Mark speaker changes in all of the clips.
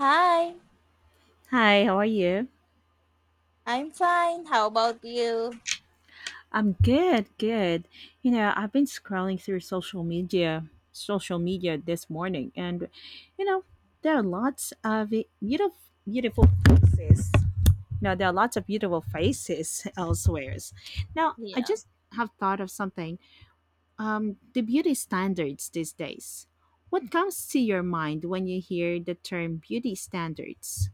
Speaker 1: Hi,
Speaker 2: Hi, how are you?
Speaker 1: I'm fine. How about you?
Speaker 2: I'm good. You know, I've been scrolling through social media this morning, and you know, there are lots of beautiful, beautiful faces. Now, there are lots of beautiful faces elsewhere. Now, I
Speaker 1: Yeah.
Speaker 2: just have thought of something. The beauty standards these days. What comes to your mind when you hear the term beauty standards?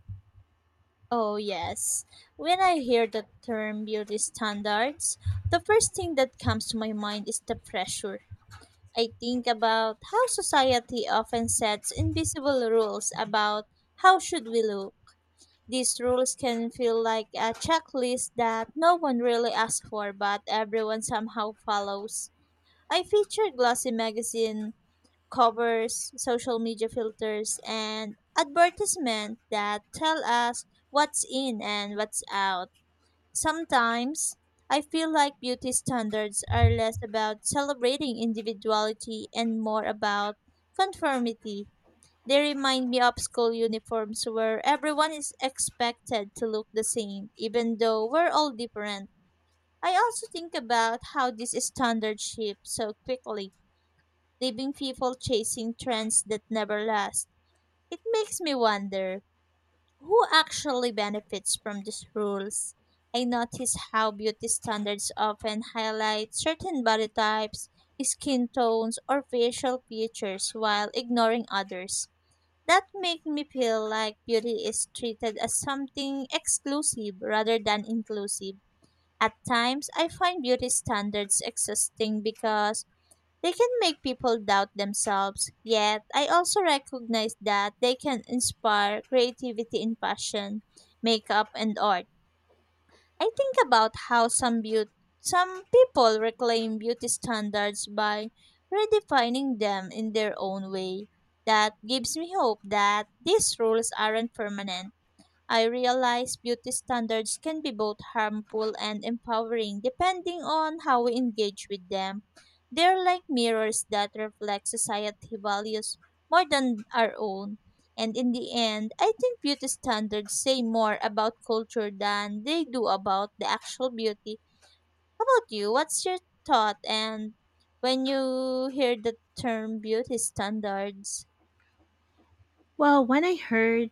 Speaker 1: Oh, yes. When I hear the term beauty standards, the first thing that comes to my mind is the pressure. I think about how society often sets invisible rules about how should we look. These rules can feel like a checklist that no one really asks for, but everyone somehow follows. I featured Glossy magazine covers, social media filters, and advertisement that tell us what's in and what's out. Sometimes I feel like beauty standards are less about celebrating individuality and more about conformity. They remind me of school uniforms where everyone is expected to look the same, even though we're all different. I also think about how this standard shifts so quickly, leaving people chasing trends that never last. It makes me wonder who actually benefits from these rules. I notice how beauty standards often highlight certain body types, skin tones, or facial features while ignoring others. That makes me feel like beauty is treated as something exclusive rather than inclusive. At times, I find beauty standards exhausting because they can make people doubt themselves, yet I also recognize that they can inspire creativity in fashion, makeup, and art. I think about how some people reclaim beauty standards by redefining them in their own way. That gives me hope that these rules aren't permanent. I realize beauty standards can be both harmful and empowering depending on how we engage with them. They're like mirrors that reflect society values more than our own. And in the end, I think beauty standards say more about culture than they do about the actual beauty. How about you? What's your thought and when you hear the term beauty standards?
Speaker 2: Well, when I heard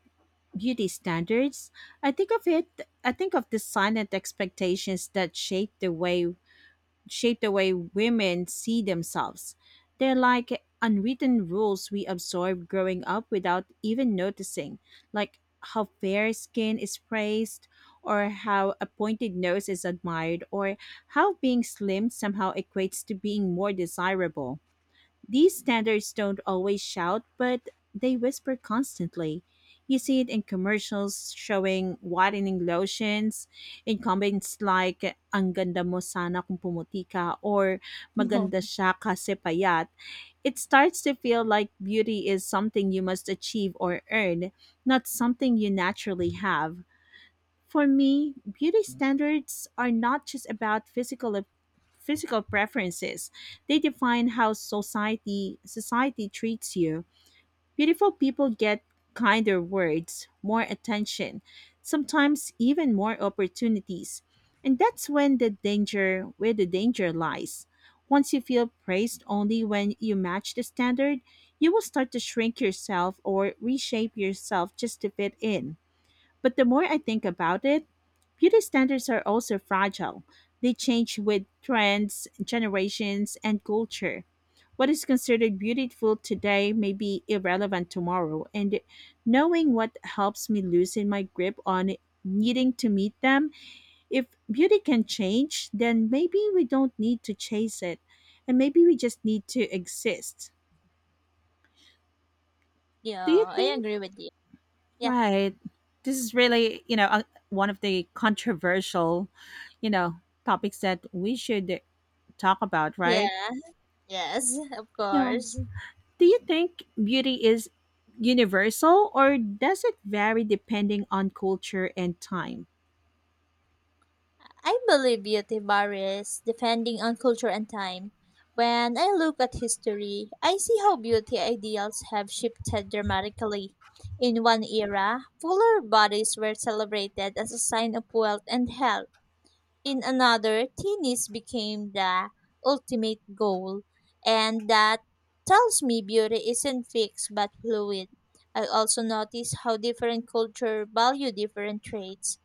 Speaker 2: beauty standards. I think of it I think of the silent expectations that shape the way women see themselves. They're like unwritten rules we absorb growing up without even noticing, like how fair skin is praised, or how a pointed nose is admired, or how being slim somehow equates to being more desirable. These standards don't always shout, but they whisper constantly. You see it in commercials showing whitening lotions, in comments like, ang ganda mo sana kung pumuti ka, or maganda siya kasi payat. It starts to feel like beauty is something you must achieve or earn, not something you naturally have. For me, beauty standards are not just about physical preferences. They define how society treats you. Beautiful people get kinder words, more attention, sometimes even more opportunities. And that's when the danger where the danger lies. Once you feel praised only when you match the standard, you will start to shrink yourself or reshape yourself just to fit in. But the more I think about it, beauty standards are also fragile. They change with trends, generations, and culture. What is considered beautiful today may be irrelevant tomorrow, and knowing what helps me loosen my grip on needing to meet them. If beauty can change, then maybe we don't need to chase it, and maybe we just need to exist.
Speaker 1: Yeah,
Speaker 2: Do you
Speaker 1: I
Speaker 2: think?
Speaker 1: agree with you. Yeah.
Speaker 2: Right. This is really, one of the controversial, you know, topics that we should talk about, right?
Speaker 1: Yeah. Yes, of
Speaker 2: You know,
Speaker 1: course.
Speaker 2: do you think beauty is universal, or does it vary depending on culture and time?
Speaker 1: I believe beauty Tibaris, depending on culture and time. When I look at history, I see how beauty ideals have shifted dramatically. In one era, fuller bodies were celebrated as a sign of wealth and health. In another, thinness became the ultimate goal. And that tells me beauty isn't fixed but fluid. I also notice how different cultures value different traits.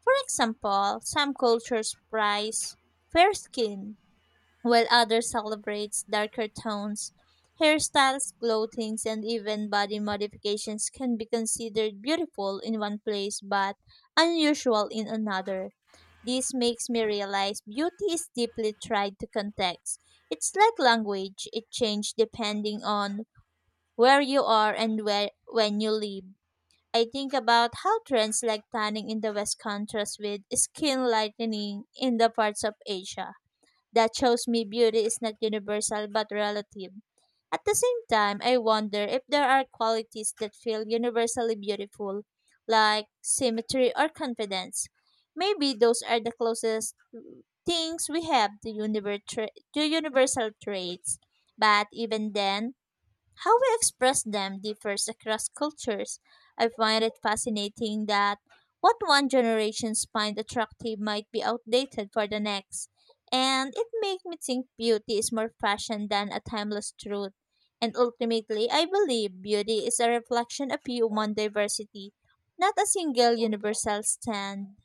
Speaker 1: For example, some cultures prize fair skin, while others celebrate darker tones. Hairstyles, clothing, and even body modifications can be considered beautiful in one place but unusual in another. This makes me realize beauty is deeply tied to context. It's like language, it changes depending on where you are and when you live. I think about how trends like tanning in the West contrast with skin lightening in the parts of Asia. That shows me beauty is not universal but relative. At the same time, I wonder if there are qualities that feel universally beautiful, like symmetry or confidence. Maybe those are the closest things we have to, to universal traits. But even then, how we express them differs across cultures. I find it fascinating that what one generation finds attractive might be outdated for the next. And it makes me think beauty is more fashion than a timeless truth. And ultimately, I believe beauty is a reflection of human diversity, not a single universal stand.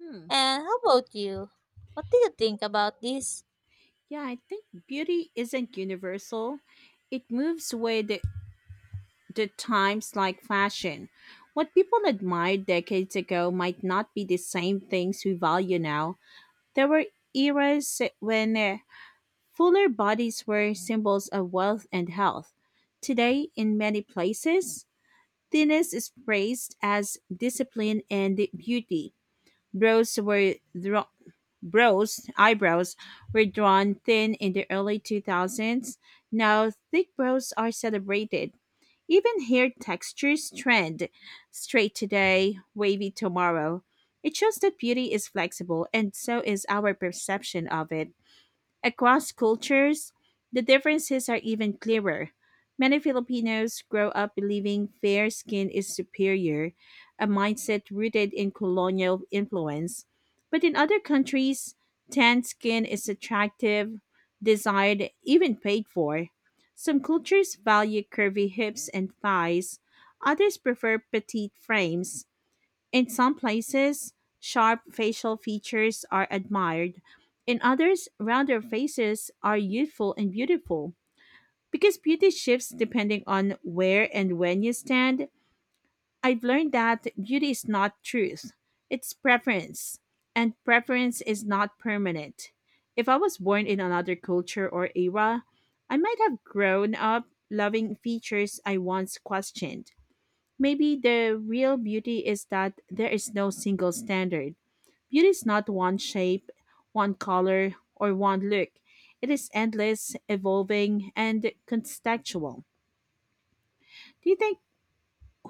Speaker 2: Hmm.
Speaker 1: And how about you? What do you think about this?
Speaker 2: Yeah, I think beauty isn't universal. It moves with the times like fashion. What people admired decades ago might not be the same things we value now. There were eras when fuller bodies were symbols of wealth and health. Today, in many places, thinness is praised as discipline and beauty. Brows were drawn. Eyebrows were drawn thin in the early 2000s. Now, thick brows are celebrated. Even hair textures trend straight today, wavy tomorrow. It shows that beauty is flexible, and so is our perception of it. Across cultures, the differences are even clearer. Many Filipinos grow up believing fair skin is superior, a mindset rooted in colonial influence. But in other countries, tan skin is attractive, desired, even paid for. Some cultures value curvy hips and thighs, others prefer petite frames. In some places, sharp facial features are admired. In others, rounder faces are youthful and beautiful. Because beauty shifts depending on where and when you stand, I've learned that beauty is not truth, it's preference. And preference is not permanent. If I was born in another culture or era, I might have grown up loving features I once questioned. Maybe the real beauty is that there is no single standard. Beauty is not one shape, one color, or one look. It is endless, evolving, and contextual. Do you think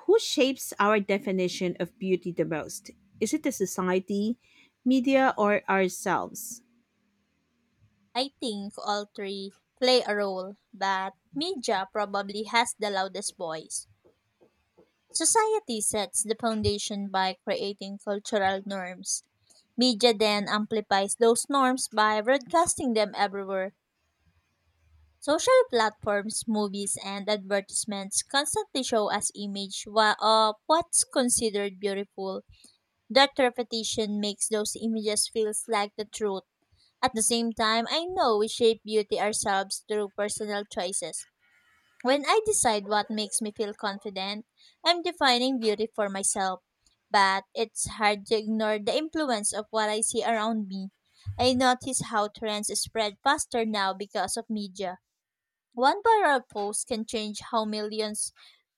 Speaker 2: who shapes our definition of beauty the most? Is it the society, media, or ourselves?
Speaker 1: I think all three play a role, but media probably has the loudest voice. Society sets the foundation by creating cultural norms. Media then amplifies those norms by broadcasting them everywhere. Social platforms, movies, and advertisements constantly show us of what's considered beautiful. That repetition makes those images feels like the truth. At the same time, I know we shape beauty ourselves through personal choices. When I decide what makes me feel confident, I'm defining beauty for myself. But it's hard to ignore the influence of what I see around me. I notice how trends spread faster now because of media. One viral post can change how millions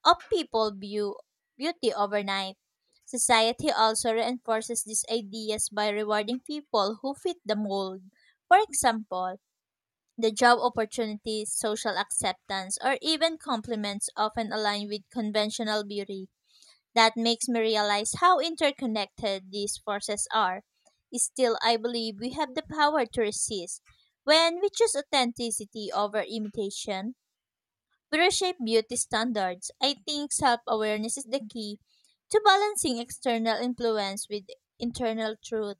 Speaker 1: of people view beauty overnight. Society also reinforces these ideas by rewarding people who fit the mold. For example, the job opportunities, social acceptance, or even compliments often align with conventional beauty. That makes me realize how interconnected these forces are. Still, I believe we have the power to resist. When we choose authenticity over imitation, we reshape beauty standards. I think self awareness is the key to balancing external influence with internal truth.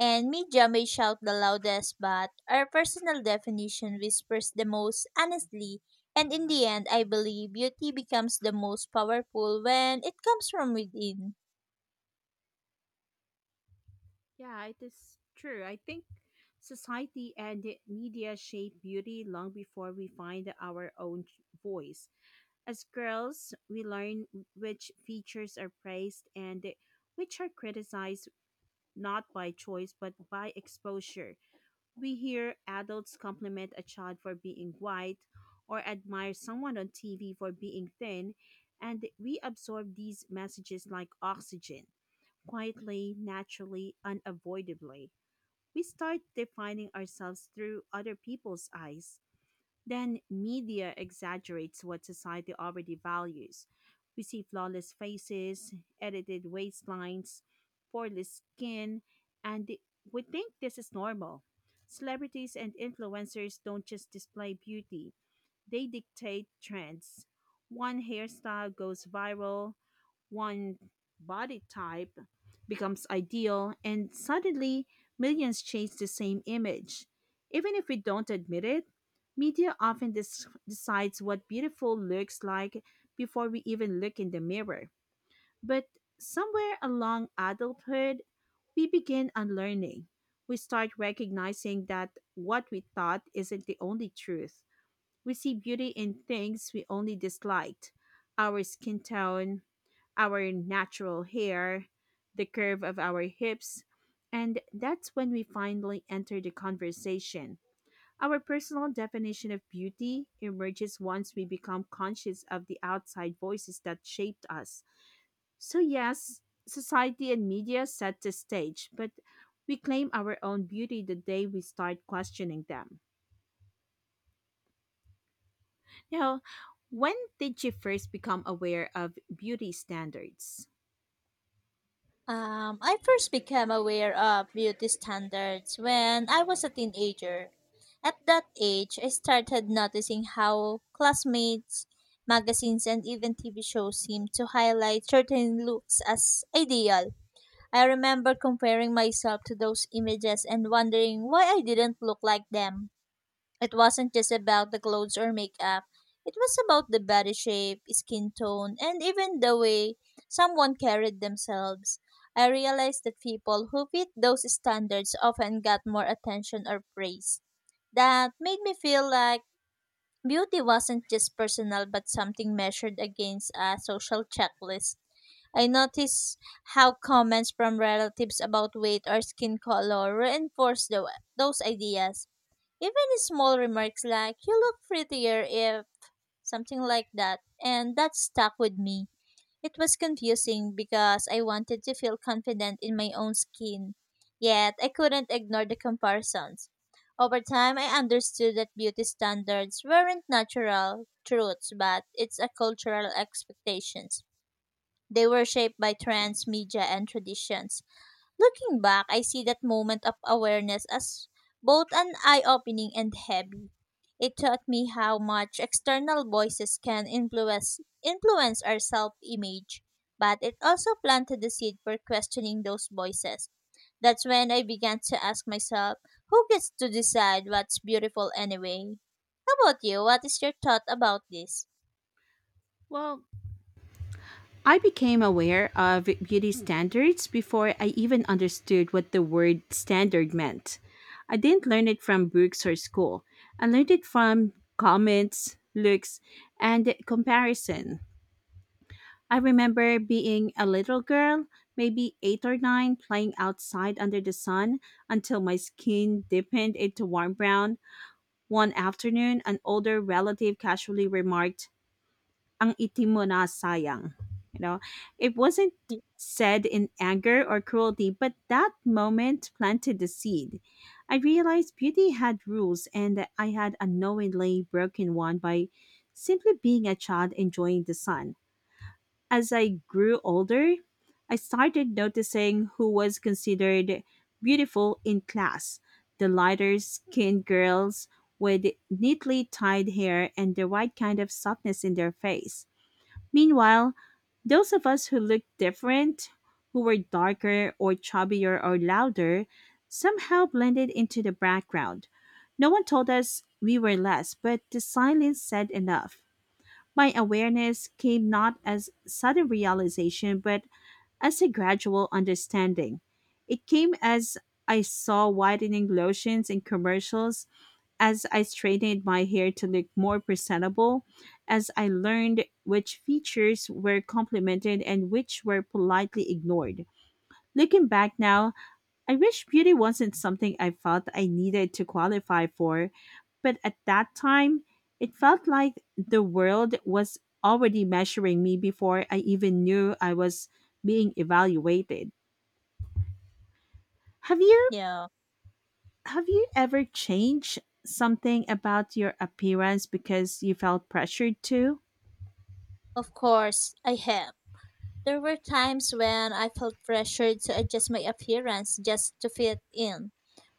Speaker 1: And media may shout the loudest, but our personal definition whispers the most honestly. And in the end, I believe beauty becomes the most powerful when it comes from within.
Speaker 2: Yeah, it is true. I think society and media shape beauty long before we find our own voice. As girls, we learn which features are praised and which are criticized, not by choice but by exposure. We hear adults compliment a child for being white, or admire someone on TV for being thin, and we absorb these messages like oxygen, quietly, naturally, unavoidably. We start defining ourselves through other people's eyes. Then media exaggerates what society already values. We see flawless faces, edited waistlines, poreless skin, and we think this is normal. Celebrities and influencers don't just display beauty, they dictate trends. One hairstyle goes viral, one body type becomes ideal, and suddenly millions chase the same image. Even if we don't admit it, media often decides what beautiful looks like before we even look in the mirror. But somewhere along adulthood, we begin unlearning. We start recognizing that what we thought isn't the only truth. We see beauty in things we only disliked: our skin tone, our natural hair, the curve of our hips. And that's when we finally enter the conversation. Our personal definition of beauty emerges once we become conscious of the outside voices that shaped us. So, yes, society and media set the stage, but we claim our own beauty the day we start questioning them. You know, when did you first become aware of beauty standards?
Speaker 1: I first became aware of beauty standards when I was a teenager. At that age, I started noticing how classmates, magazines, and even TV shows seemed to highlight certain looks as ideal. I remember comparing myself to those images and wondering why I didn't look like them. It wasn't just about the clothes or makeup. It was about the body shape, skin tone, and even the way someone carried themselves. I realized that people who fit those standards often got more attention or praise. That made me feel like beauty wasn't just personal but something measured against a social checklist. I noticed how comments from relatives about weight or skin color reinforced those ideas, even small remarks like, you look prettier if something like that, and that stuck with me. It was confusing because I wanted to feel confident in my own skin, yet I couldn't ignore the comparisons. Over time, I understood that beauty standards weren't natural truths, but it's a cultural expectations. They were shaped by trends, media, and traditions. Looking back, I see that moment of awareness as both an eye opening and heavy. It taught me how much external voices can influence our self image, but it also planted the seed for questioning those voices. That's when I began to ask myself, who gets to decide what's beautiful anyway? How about you? What is your thought about this?
Speaker 2: Well, I became aware of beauty standards before I even understood what the word standard meant. I didn't learn it from books or school. I learned it from comments, looks, and comparison. I remember being a little girl, maybe eight or nine, playing outside under the sun until my skin deepened into warm brown. One afternoon, an older relative casually remarked, Ang itim mo na sayang. You know, it wasn't
Speaker 1: Y-
Speaker 2: said in anger or cruelty, but that moment planted the seed. I realized beauty had rules and that I had unknowingly broken one by simply being a child enjoying the sun. As I grew older, I started noticing who was considered beautiful in class: the lighter skinned girls with neatly tied hair and the right kind of softness in their face. Meanwhile, those of us who looked different, who were darker or chubbier or louder, somehow blended into the background. No one told us we were less, but the silence said enough. My awareness came not as sudden realization, but as a gradual understanding. It came as I saw whitening lotions in commercials, as I straightened my hair to look more presentable, as I learned which features were complimented and which were politely ignored. Looking back now, I wish beauty wasn't something I felt I needed to qualify for, but at that time, it felt like the world was already measuring me before I even knew I was being evaluated. Have you
Speaker 1: Yeah,
Speaker 2: have you ever changed something about your appearance because you felt pressured to?
Speaker 1: of course, I have. There were times when I felt pressured to adjust my appearance just to fit in.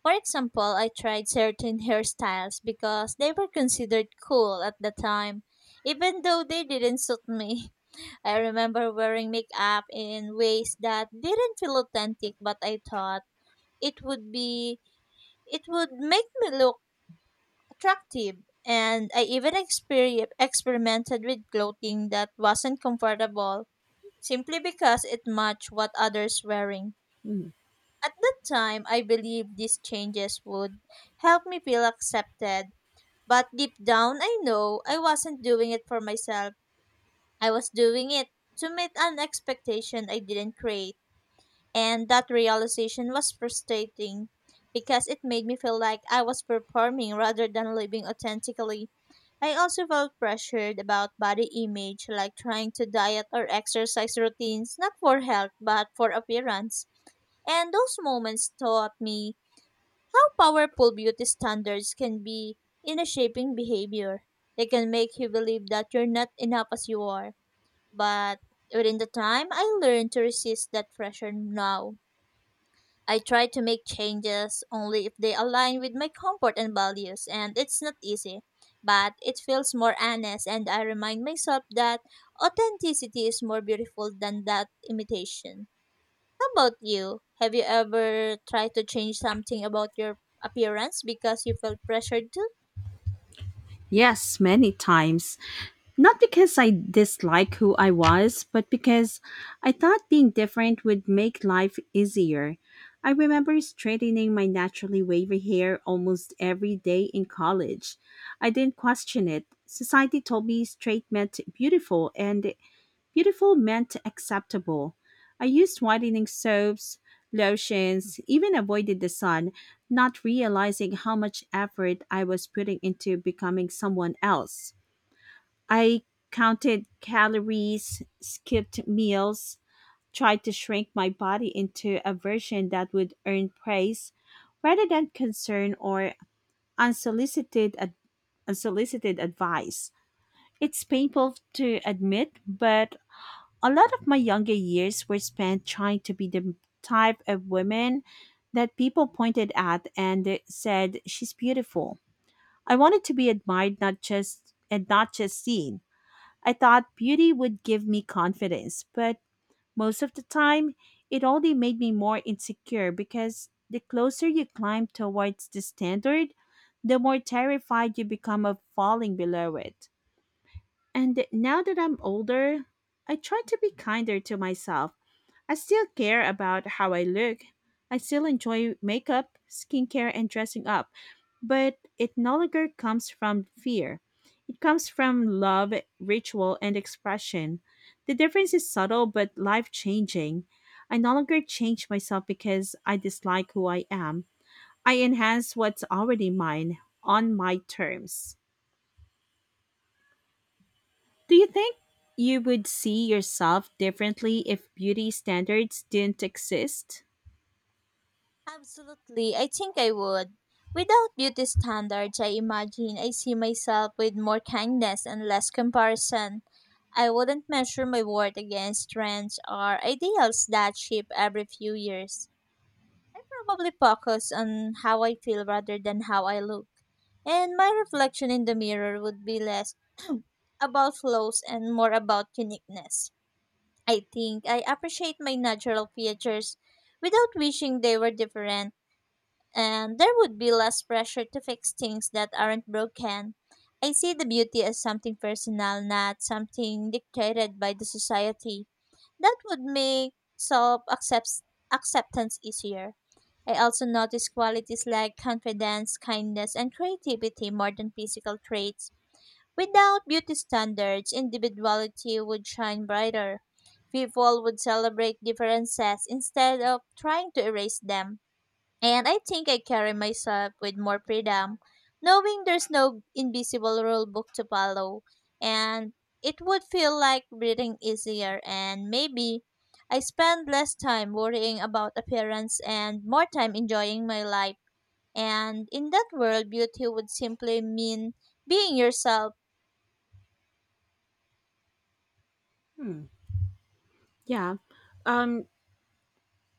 Speaker 1: For example, I tried certain hairstyles because they were considered cool at the time, even though they didn't suit me. I remember wearing makeup in ways that didn't feel authentic, but I thought it would be it would make me look attractive. And I even experimented with clothing that wasn't comfortable simply because it matched what others wearing.
Speaker 2: Mm.
Speaker 1: At that time, I believed these changes would help me feel accepted, but deep down I know I wasn't doing it for myself. I was doing it to meet an expectation I didn't create. And that realization was frustrating because it made me feel like I was performing rather than living authentically. I also felt pressured about body image, like trying to diet or exercise routines, not for health, but for appearance. And those moments taught me how powerful beauty standards can be in a shaping behavior. They can make you believe that you're not enough as you are. But within the time, I learned to resist that pressure now I try to make changes only if they align with my comfort and values, and it's not easy, but it feels more honest, and I remind myself that authenticity is more beautiful than that imitation. How about you? Have you ever tried to change something about your appearance because you felt pressured to?
Speaker 2: Yes, many times. Not because I dislike who I was, but because I thought being different would make life easier. I remember straightening my naturally wavy hair almost every day in college. I didn't question it. Society told me straight meant beautiful and beautiful meant acceptable. I used whitening soaps, lotions, even avoided the sun, not realizing how much effort I was putting into becoming someone else. I counted calories, skipped meals, tried to shrink my body into a version that would earn praise rather than concern or unsolicited ad- unsolicited advice. It's painful to admit, but a lot of my younger years were spent trying to be the type of woman that people pointed at and said she's beautiful. I wanted to be admired, not just seen. I thought beauty would give me confidence, but most of the time, it only made me more insecure because the closer you climb towards the standard, the more terrified you become of falling below it. And now that I'm older, I try to be kinder to myself. I still care about how I look. I still enjoy makeup, skincare, and dressing up. But it no longer comes from fear. It comes from love, ritual, and expression. The difference is subtle but life changing. I no longer change myself because I dislike who I am. I enhance what's already mine on my terms. Do you think you would see yourself differently if beauty standards didn't exist?
Speaker 1: Absolutely, I think I would. Without beauty standards, I imagine I see myself with more kindness and less comparison. I wouldn't measure my worth against trends or ideals that shift every few years. I probably focus on how I feel rather than how I look. And my reflection in the mirror would be less about flaws and more about uniqueness. I think I appreciate my natural features without wishing they were different, and there would be less pressure to fix things that aren't broken. I see the beauty as something personal, not something dictated by the society. That would make self acceptance easier. I also notice qualities like confidence, kindness, and creativity more than physical traits. Without beauty standards, individuality would shine brighter. People would celebrate differences instead of trying to erase them. And I think I carry myself with more freedom, knowing there's no invisible rule book to follow. And it would feel like breathing easier, and maybe I spend less time worrying about appearance and more time enjoying my life. And in that world, beauty would simply mean being yourself.
Speaker 2: Yeah, um,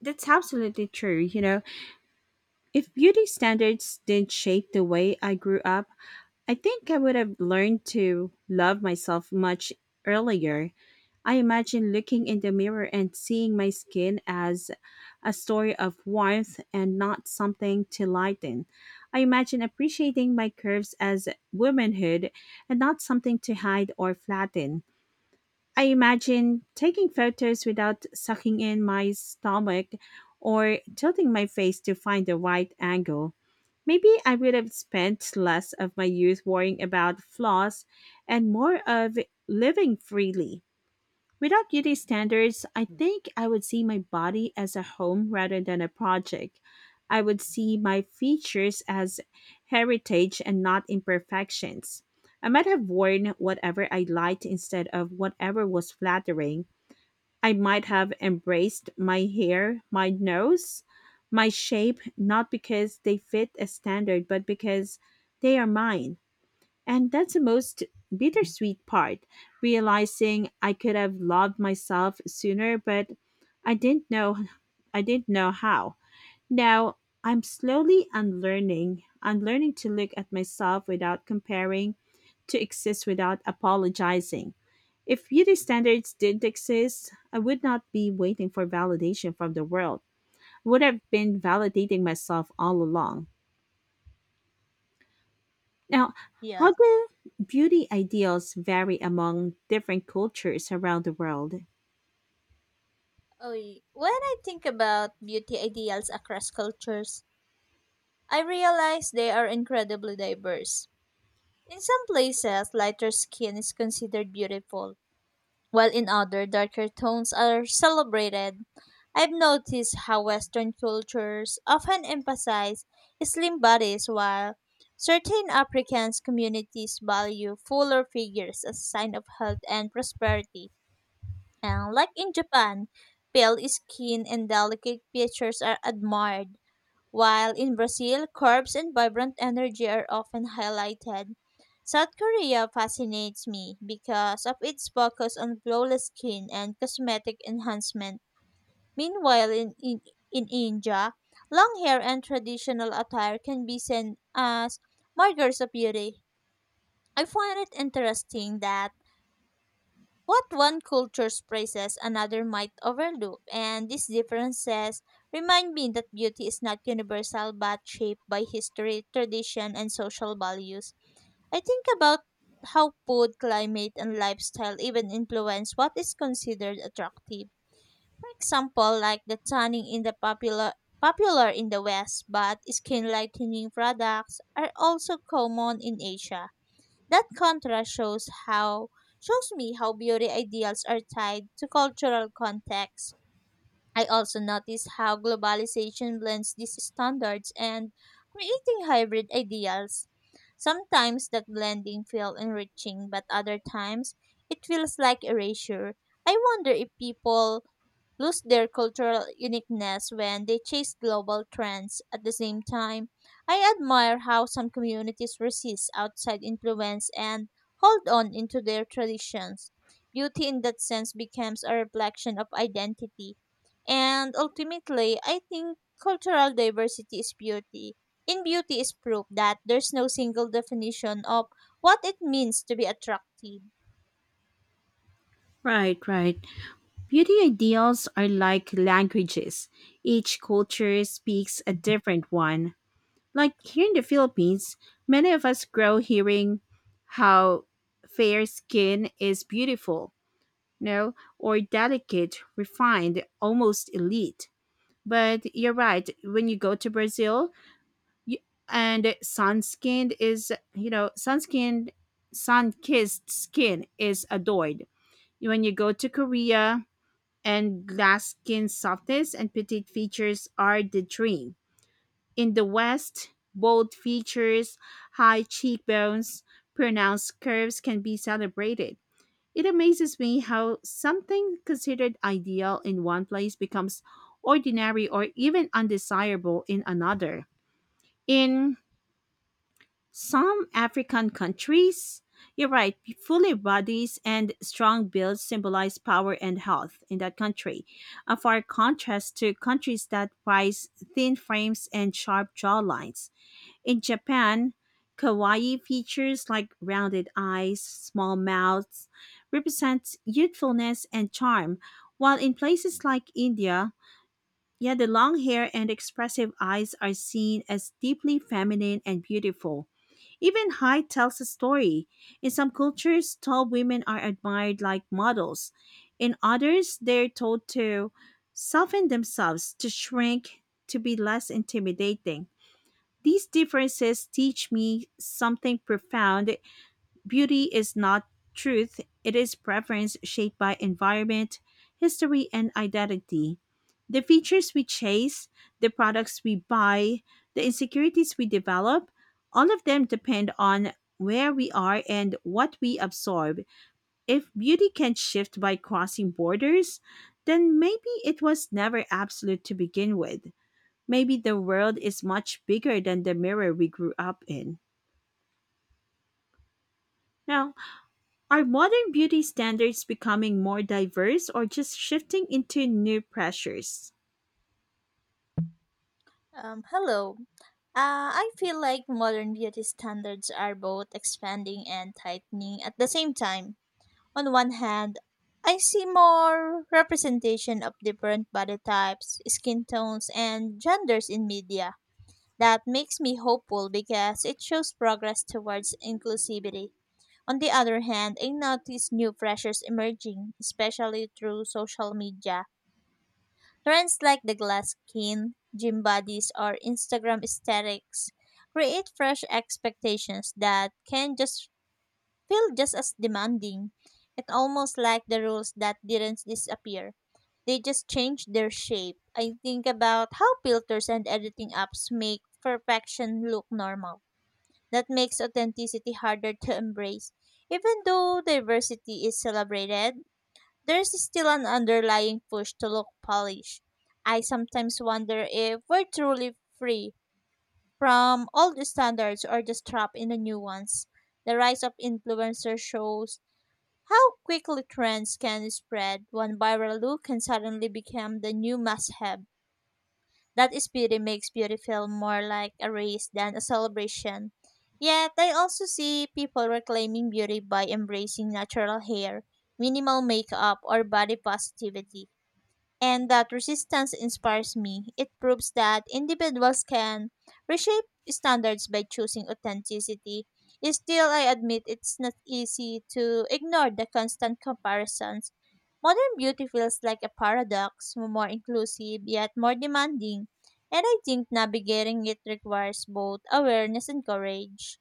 Speaker 2: that's absolutely true. You know, if beauty standards didn't shape the way I grew up, I think I would have learned to love myself much earlier. I imagine looking in the mirror and seeing my skin as a story of warmth and not something to lighten. I imagine appreciating my curves as womanhood and not something to hide or flatten. I imagine taking photos without sucking in my stomach or tilting my face to find the right angle. Maybe I would have spent less of my youth worrying about flaws and more of living freely. Without beauty standards, I think I would see my body as a home rather than a project. I would see my features as heritage and not imperfections. I might have worn whatever I liked instead of whatever was flattering. I might have embraced my hair, my nose, my shape, not because they fit a standard, but because they are mine. And that's the most bittersweet part, realizing I could have loved myself sooner, but I didn't know I didn't know how. Now I'm slowly unlearning. I'm learning to look at myself without comparing, to exist without apologizing. If beauty standards didn't exist, I would not be waiting for validation from the world. I would have been validating myself all along. Now,
Speaker 1: Yeah.
Speaker 2: how do beauty ideals vary among different cultures around the world?
Speaker 1: Oy. When I think about beauty ideals across cultures, I realize they are incredibly diverse. In some places, lighter skin is considered beautiful, while in other, darker tones are celebrated. I've noticed how Western cultures often emphasize slim bodies, while certain African communities value fuller figures as a sign of health and prosperity. And like in Japan, pale skin and delicate features are admired, while in Brazil, curves and vibrant energy are often highlighted. South Korea fascinates me because of its focus on flawless skin and cosmetic enhancement. Meanwhile, in India, long hair and traditional attire can be seen as markers of beauty. I find it interesting that what one culture's praises another might overlook, and these differences remind me that beauty is not universal but shaped by history, tradition, and social values. I think about how food, climate, and lifestyle even influence what is considered attractive. For example, like the tanning in the popular in the West, but skin lightening products are also common in Asia. That contrast shows how shows me how beauty ideals are tied to cultural context. I also notice how globalization blends these standards and creating hybrid ideals. Sometimes that blending feels enriching, but other times it feels like erasure. I wonder if people lose their cultural uniqueness when they chase global trends. At the same time, I admire how some communities resist outside influence and hold on into their traditions. Beauty in that sense becomes a reflection of identity. And ultimately, I think cultural diversity is beauty. In beauty is proof that there's no single definition of what it means to be attractive.
Speaker 2: Right, right. Beauty ideals are like languages. Each culture speaks a different one. Like here in the Philippines, many of us grow hearing how fair skin is beautiful, no, or delicate, refined, almost elite. But you're right, when you go to Brazil, Y- and sunskinned is you know sunskinned sun-kissed skin is adored. When you go to Korea and glass skin, softness and petite features are the dream. In the west, bold features, high cheekbones, pronounced curves can be celebrated. It amazes me how something considered ideal in one place becomes ordinary or even undesirable in another. In some African countries, you're right, fully bodies and strong builds symbolize power and health in that country, a far contrast to countries that prize thin frames and sharp jawlines. In Japan, kawaii features like rounded eyes, small mouths represent youthfulness and charm, while in places like India, yet the long hair and expressive eyes are seen as deeply feminine and beautiful. Even height tells a story. In some cultures, tall women are admired like models. In others, they're told to soften themselves, to shrink, to be less intimidating. These differences teach me something profound. Beauty is not truth, it is preference shaped by environment, history, and identity. The features we chase, the products we buy, the insecurities we develop, all of them depend on where we are and what we absorb. If beauty can shift by crossing borders, then maybe it was never absolute to begin with. Maybe the world is much bigger than the mirror we grew up in. Now, are modern beauty standards becoming more diverse or just shifting into new pressures?
Speaker 1: Hello. I feel like modern beauty standards are both expanding and tightening at the same time. On one hand, I see more representation of different body types, skin tones, and genders in media. That makes me hopeful because it shows progress towards inclusivity. On the other hand, I notice new pressures emerging, especially through social media. Trends like the glass skin, gym bodies, or Instagram aesthetics create fresh expectations that can just feel just as demanding. It's almost like the rules that didn't disappear. They just changed their shape. I think about how filters and editing apps make perfection look normal. That makes authenticity harder to embrace. Even though diversity is celebrated, there's still an underlying push to look polished. I sometimes wonder if we're truly free from old standards or just trapped in the new ones. The rise of influencers shows how quickly trends can spread. One viral look can suddenly become the new must have. That is beauty makes beauty feel more like a race than a celebration. Yet, I also see people reclaiming beauty by embracing natural hair, minimal makeup, or body positivity, and that resistance inspires me. It proves that individuals can reshape standards by choosing authenticity. Still, I admit it's not easy to ignore the constant comparisons. Modern beauty feels like a paradox, more inclusive yet more demanding, and I think navigating it requires both awareness and courage.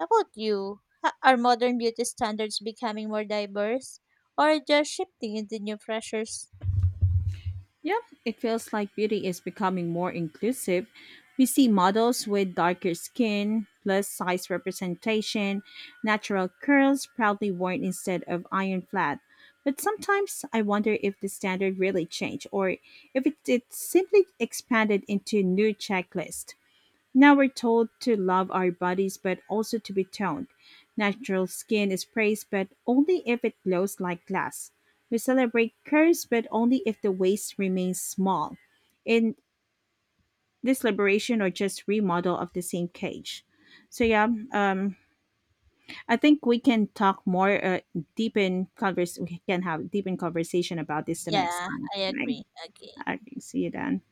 Speaker 1: How about you? Are modern beauty standards becoming more diverse or just shifting into new pressures?
Speaker 2: Yep, it feels like beauty is becoming more inclusive. We see models with darker skin, plus size representation, natural curls proudly worn instead of iron flat. But sometimes I wonder if the standard really changed or if it simply expanded into new checklist. Now we're told to love our bodies but also to be toned. Natural skin is praised but only if it glows like glass. We celebrate curves but only if the waist remains small. In this liberation or just remodel of the same cage. So yeah, um, I think we can talk more deep in converse. We can have deep in conversation about this the next
Speaker 1: Yeah,
Speaker 2: time.
Speaker 1: I
Speaker 2: Right?
Speaker 1: agree. Okay.
Speaker 2: I see you then.